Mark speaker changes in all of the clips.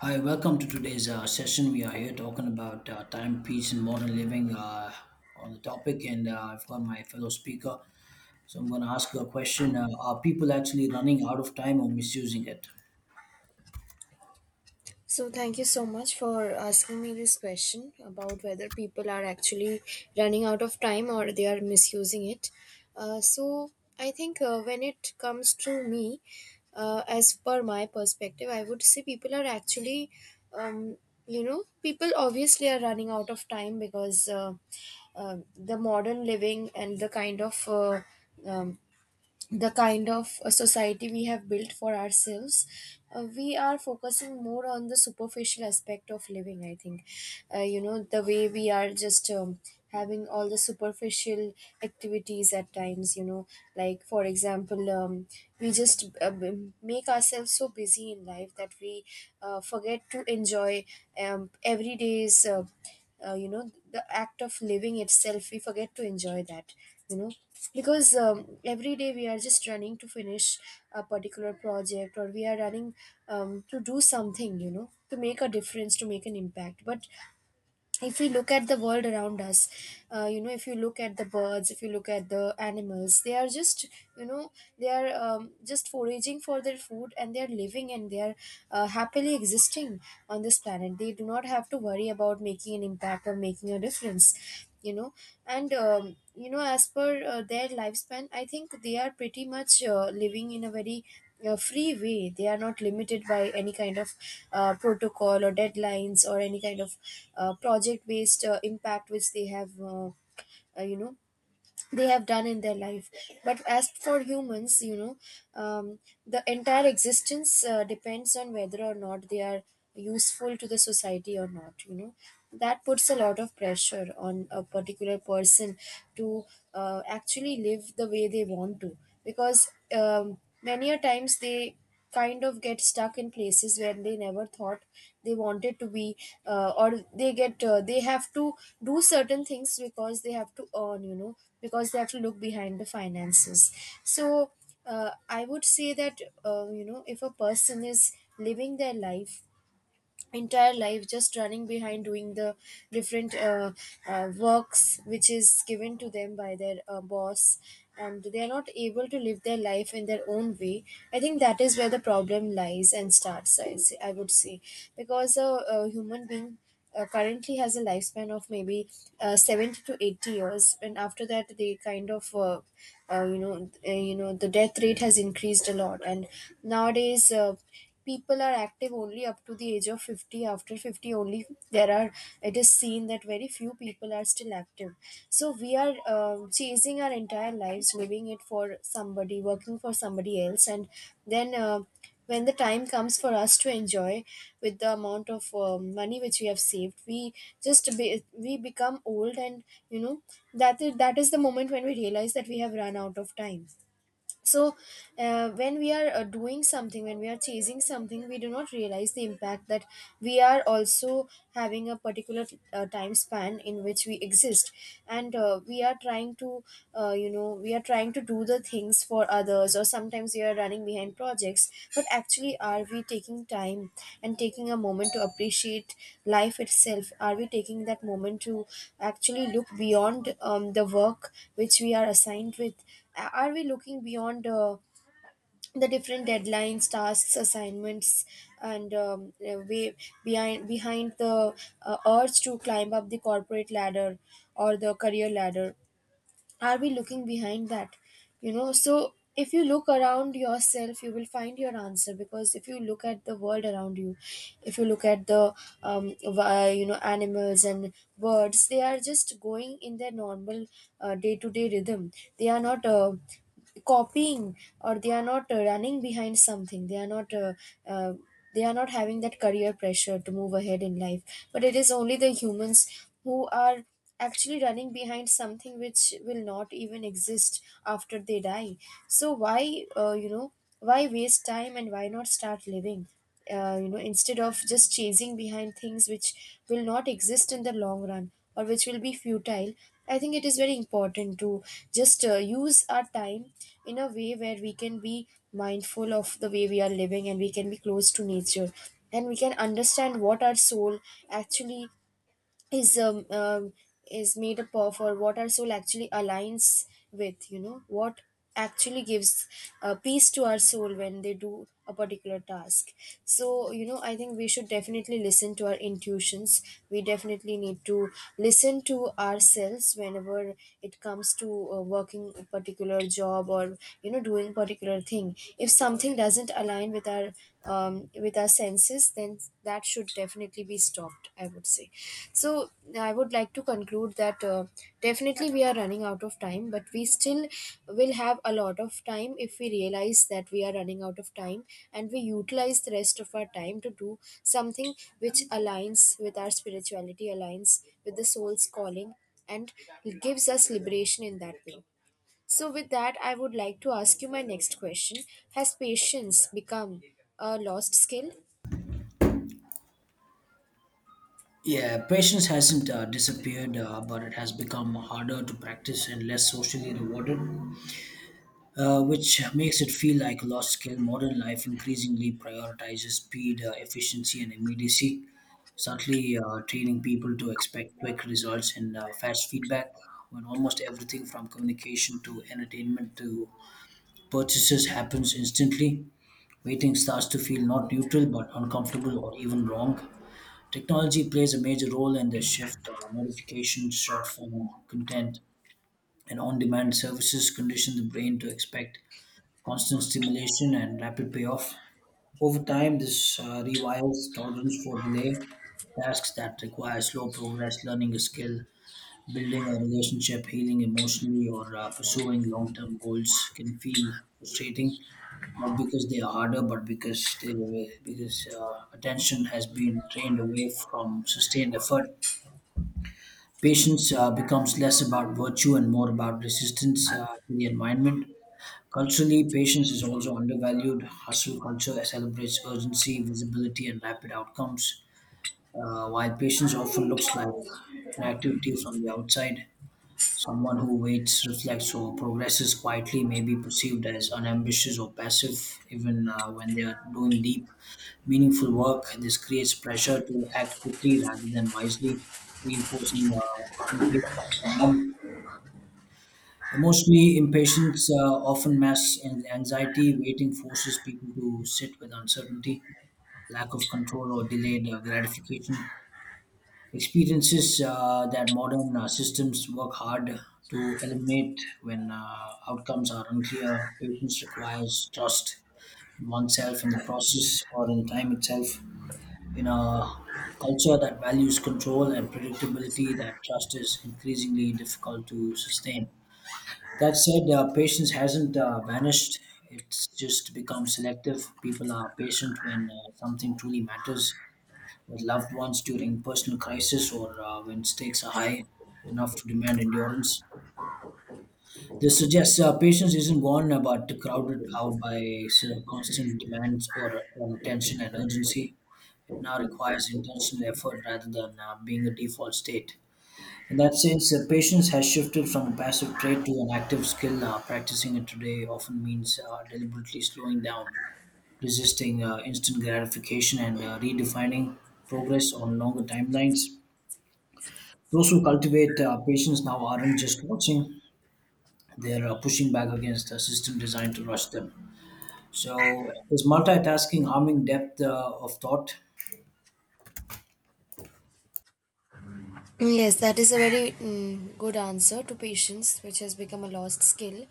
Speaker 1: Hi, welcome to today's session. We are here talking about time, peace, and modern living on the topic, and I've got my fellow speaker. So I'm going to ask you a question: are people actually running out of time or misusing it?
Speaker 2: So, thank you so much for asking me this question about whether people are actually running out of time or they are misusing it. So, I think, when it comes to me, as per my perspective, I would say people are actually, um, you know, people obviously are running out of time, because the modern living and um, the kind of a society we have built for ourselves, we are focusing more on the superficial aspect of living, I think. You know, the way we are just, having all the superficial activities at times, like for example, we just make ourselves so busy in life that we forget to enjoy everyday's, you know, the act of living itself. We forget to enjoy that you know because every day we are just running to finish a particular project, or we are running, to do something, you know, to make a difference, to make an impact. But if we look at the world around us, you know, if you look at the birds, if you look at the animals, they are just, you know, they are, just foraging for their food, and they are living, and they are happily existing on this planet. They do not have to worry about making an impact or making a difference you know and you know, as per their lifespan, I think they are pretty much living in a very a free way. They are not limited by any kind of protocol or deadlines, or any kind of project based impact which they have, you know, they have done in their life. But as for humans. um, the entire existence depends on whether or not they are useful to the society or not. That puts a lot of pressure on a particular person to actually live the way they want to, because many a times they kind of get stuck in places where they never thought they wanted to be, or they get they have to do certain things because they have to earn, you know, because they have to look behind the finances. So I would say that, you know, if a person is living their life, entire life, just running behind doing the different works which is given to them by their boss, and they are not able to live their life in their own way, I think that is where the problem lies and starts, I would say. Because a human being currently has a lifespan of maybe 70 to 80 years, and after that they kind of, you know, you know, the death rate has increased a lot, and nowadays people are active only up to the age of 50. After 50 only, there are it is seen that very few people are still active. So we are chasing our entire lives, living it for somebody, working for somebody else, and then, when the time comes for us to enjoy with the amount of money which we have saved, we, we become old, and you know that is the moment when we realize that we have run out of time. So when we are doing something, when we are chasing something, we do not realize the impact that we are also having a particular time span in which we exist. And we are trying to, you know, we are trying to do the things for others, or sometimes we are running behind projects. But actually, are we taking time and taking a moment to appreciate life itself? Are we taking that moment to actually look beyond the work which we are assigned with? Are we looking beyond the different deadlines, tasks, assignments, and way behind the urge to climb up the corporate ladder or the career ladder? Are we looking behind that? You know, so if you look around yourself, you will find your answer. Because if you look at the world around you, if you look at the you know, animals and birds, they are just going in their normal day to day rhythm. They are not. Copying, or they are not running behind something. They are not uh, they are not having that career pressure to move ahead in life. But it is only the humans who are actually running behind something which will not even exist after they die. So why, you know, why waste time, and why not start living, you know, instead of just chasing behind things which will not exist in the long run, or which will be futile. I think it is very important to just use our time in a way where we can be mindful of the way we are living, and we can be close to nature, and we can understand what our soul actually is, is made up of, or what our soul actually aligns with. What actually gives peace to our soul when they do a particular task. So, you know, I think we should definitely listen to our intuitions. We definitely need to listen to ourselves whenever it comes to working a particular job, or you know, doing particular thing. If something doesn't align with our with our senses, then that should definitely be stopped, I would say. So I would like to conclude that definitely we are running out of time, but we still will have a lot of time if we realize that we are running out of time, and we utilize the rest of our time to do something which aligns with our spirituality, aligns with the soul's calling, and gives us liberation in that way. So, with that, I would like to ask you my next question. Has patience become a lost skill?
Speaker 1: Yeah, patience hasn't disappeared, but it has become harder to practice and less socially rewarded, which makes it feel like a lost skill. Modern life increasingly prioritizes speed, efficiency, and immediacy, subtly training people to expect quick results and fast feedback. When almost everything from communication to entertainment to purchases happens instantly, waiting starts to feel not neutral but uncomfortable or even wrong. Technology plays a major role in the shift. Notifications, short form content, and on demand services condition the brain to expect constant stimulation and rapid payoff. Over time, this rewires tolerance for delay. Tasks that require slow progress, learning a skill, building a relationship, healing emotionally, or pursuing long term goals can feel frustrating, not because they are harder, but because attention has been trained away from sustained effort. Patience becomes less about virtue and more about resistance to the environment. Culturally, patience is also undervalued. Hustle culture celebrates urgency, visibility, and rapid outcomes, while patience often looks like inactivity from the outside. Someone who waits, reflects, or progresses quietly may be perceived as unambitious or passive, even when they are doing deep, meaningful work. This creates pressure to act quickly rather than wisely, reinforcing impatience. Emotionally, impatience often masks anxiety. Waiting forces people to sit with uncertainty, lack of control, or delayed gratification. Experiences that modern systems work hard to eliminate when outcomes are unclear. Patience requires trust in oneself, in the process, or in time itself. In a culture that values control and predictability, that trust is increasingly difficult to sustain. That said, patience hasn't vanished. It's just become selective. People are patient when something truly matters, with loved ones during personal crisis or when stakes are high enough to demand endurance. This suggests patience isn't gone, but crowded out by constant demands or attention and urgency. It now requires intentional effort rather than being a default state. In that sense, patience has shifted from a passive trait to an active skill. Practicing it today often means deliberately slowing down, resisting instant gratification, and redefining progress on longer timelines. Those who cultivate patience now aren't just watching, they're pushing back against a system designed to rush them. So, is multitasking harming depth of thought?
Speaker 2: Yes, that is a very good answer to patience, which has become a lost skill.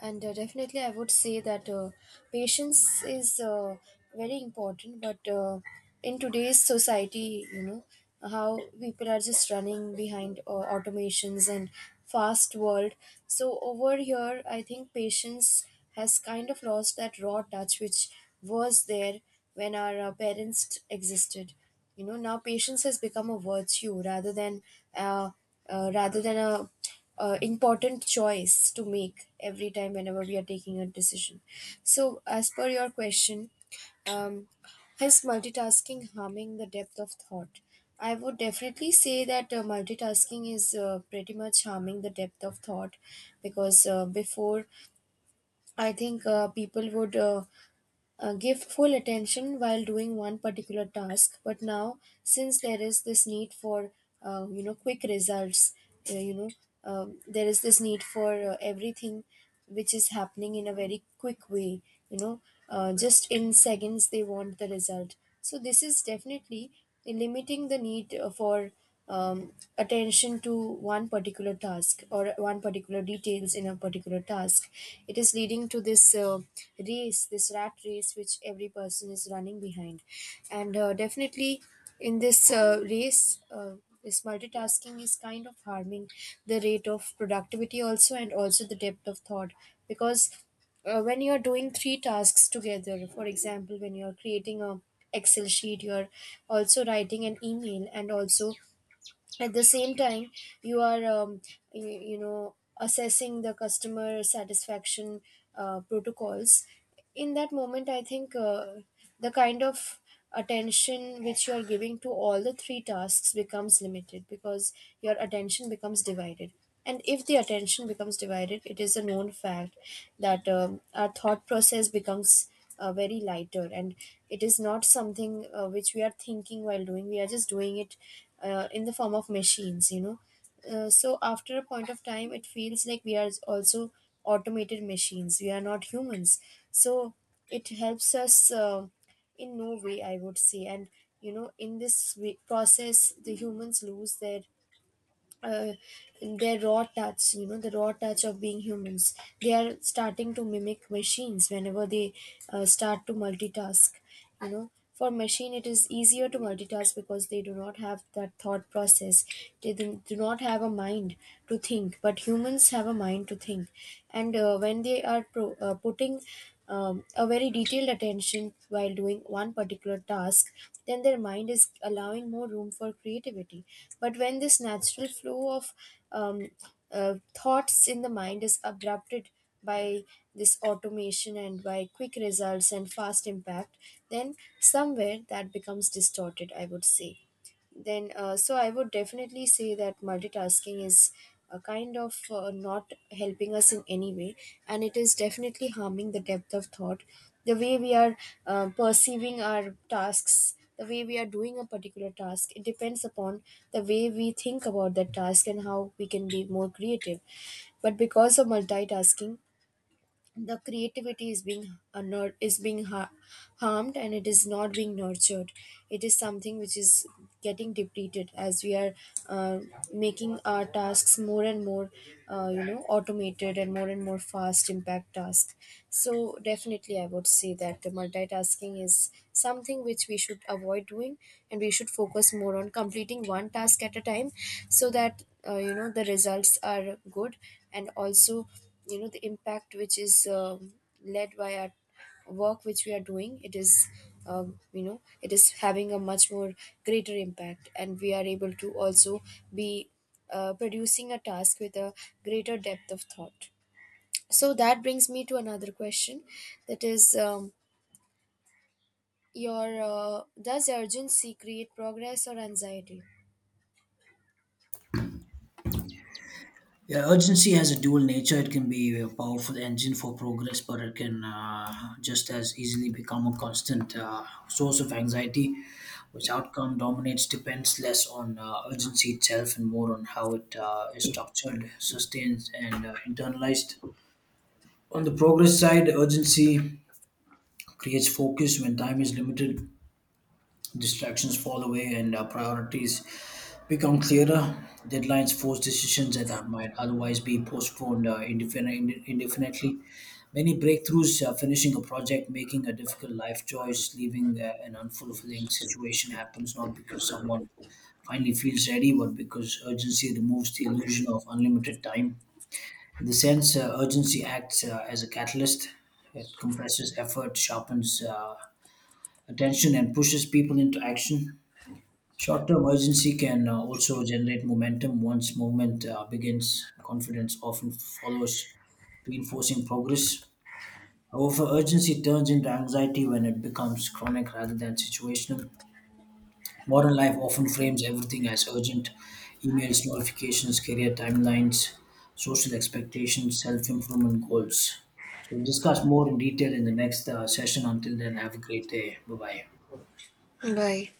Speaker 2: And definitely, I would say that patience is very important. But in today's society, you know, how people are just running behind automations and fast world. So over here, I think patience has kind of lost that raw touch which was there when our parents existed. Now patience has become a virtue, rather than, uh, rather than a important choice to make every time whenever we are taking a decision. So, as per your question, um, is multitasking harming the depth of thought? I would definitely say that multitasking is pretty much harming the depth of thought. Because before, I think people would give full attention while doing one particular task. But now, since there is this need for you know, quick results, you know, there is this need for everything which is happening in a very quick way, you know, just in seconds they want the result. So this is definitely limiting the need for attention to one particular task, or one particular details in a particular task. It is leading to this race, this rat race, which every person is running behind. And definitely, in this race, this multitasking is kind of harming the rate of productivity also, and also the depth of thought. Because when you're doing three tasks together, for example, when you're creating a excel sheet, you're also writing an email, and also at the same time you are, you know, assessing the customer satisfaction protocols. In that moment, I think the kind of attention which you are giving to all the three tasks becomes limited, because your attention becomes divided. And if the attention becomes divided, it is a known fact that our thought process becomes very lighter, and it is not something which we are thinking while doing. We are just doing it in the form of machines, you know. So after a point of time, it feels like we are also automated machines, we are not humans. So it helps us in no way, I would say. And in this process, the humans lose uh, their raw touch, you know, the raw touch of being humans. They are starting to mimic machines whenever they start to multitask. You know, for machine it is easier to multitask, because they do not have that thought process. They do not have a mind to think, but humans have a mind to think. And when they are putting, a very detailed attention while doing one particular task, then their mind is allowing more room for creativity. But when this natural flow of um, thoughts in the mind is abrupted by this automation, and by quick results and fast impact, then somewhere that becomes distorted, I would say. Then so I would definitely say that multitasking is a kind of not helping us in any way, and it is definitely harming the depth of thought. The way we are perceiving our tasks, the way we are doing a particular task, it depends upon the way we think about that task and how we can be more creative. But because of multitasking, the creativity is is harmed, and it is not being nurtured. It is something which is getting depleted as we are uh, making our tasks more and more you know, automated, and more fast impact task. So definitely I would say that the multitasking is something which we should avoid doing, and we should focus more on completing one task at a time, so that you know, the results are good, and also you know, the impact which is led by our work which we are doing, it is you know, it is having a much more greater impact, and we are able to also be producing a task with a greater depth of thought. So that brings me to another question, that is, your does urgency create progress or anxiety?
Speaker 1: Yeah, urgency has a dual nature. It can be a powerful engine for progress, but it can just as easily become a constant source of anxiety, which outcome dominates depends less on urgency itself and more on how it is structured, sustained, and internalized. On the progress side, urgency creates focus when time is limited. Distractions fall away and our priorities become clearer. Deadlines force decisions that might otherwise be postponed indefinitely. Many breakthroughs, finishing a project, making a difficult life choice, leaving an unfulfilling situation, happens not because someone finally feels ready, but because urgency removes the illusion of unlimited time. In the sense, urgency acts as a catalyst. It compresses effort, sharpens attention, and pushes people into action. Short-term urgency can also generate momentum once movement begins. Confidence often follows, reinforcing progress. However, urgency turns into anxiety when it becomes chronic rather than situational. Modern life often frames everything as urgent: emails, notifications, career timelines, social expectations, self-improvement goals. So, we'll discuss more in detail in the next session. Until then, have a great day. Bye bye.
Speaker 2: Bye.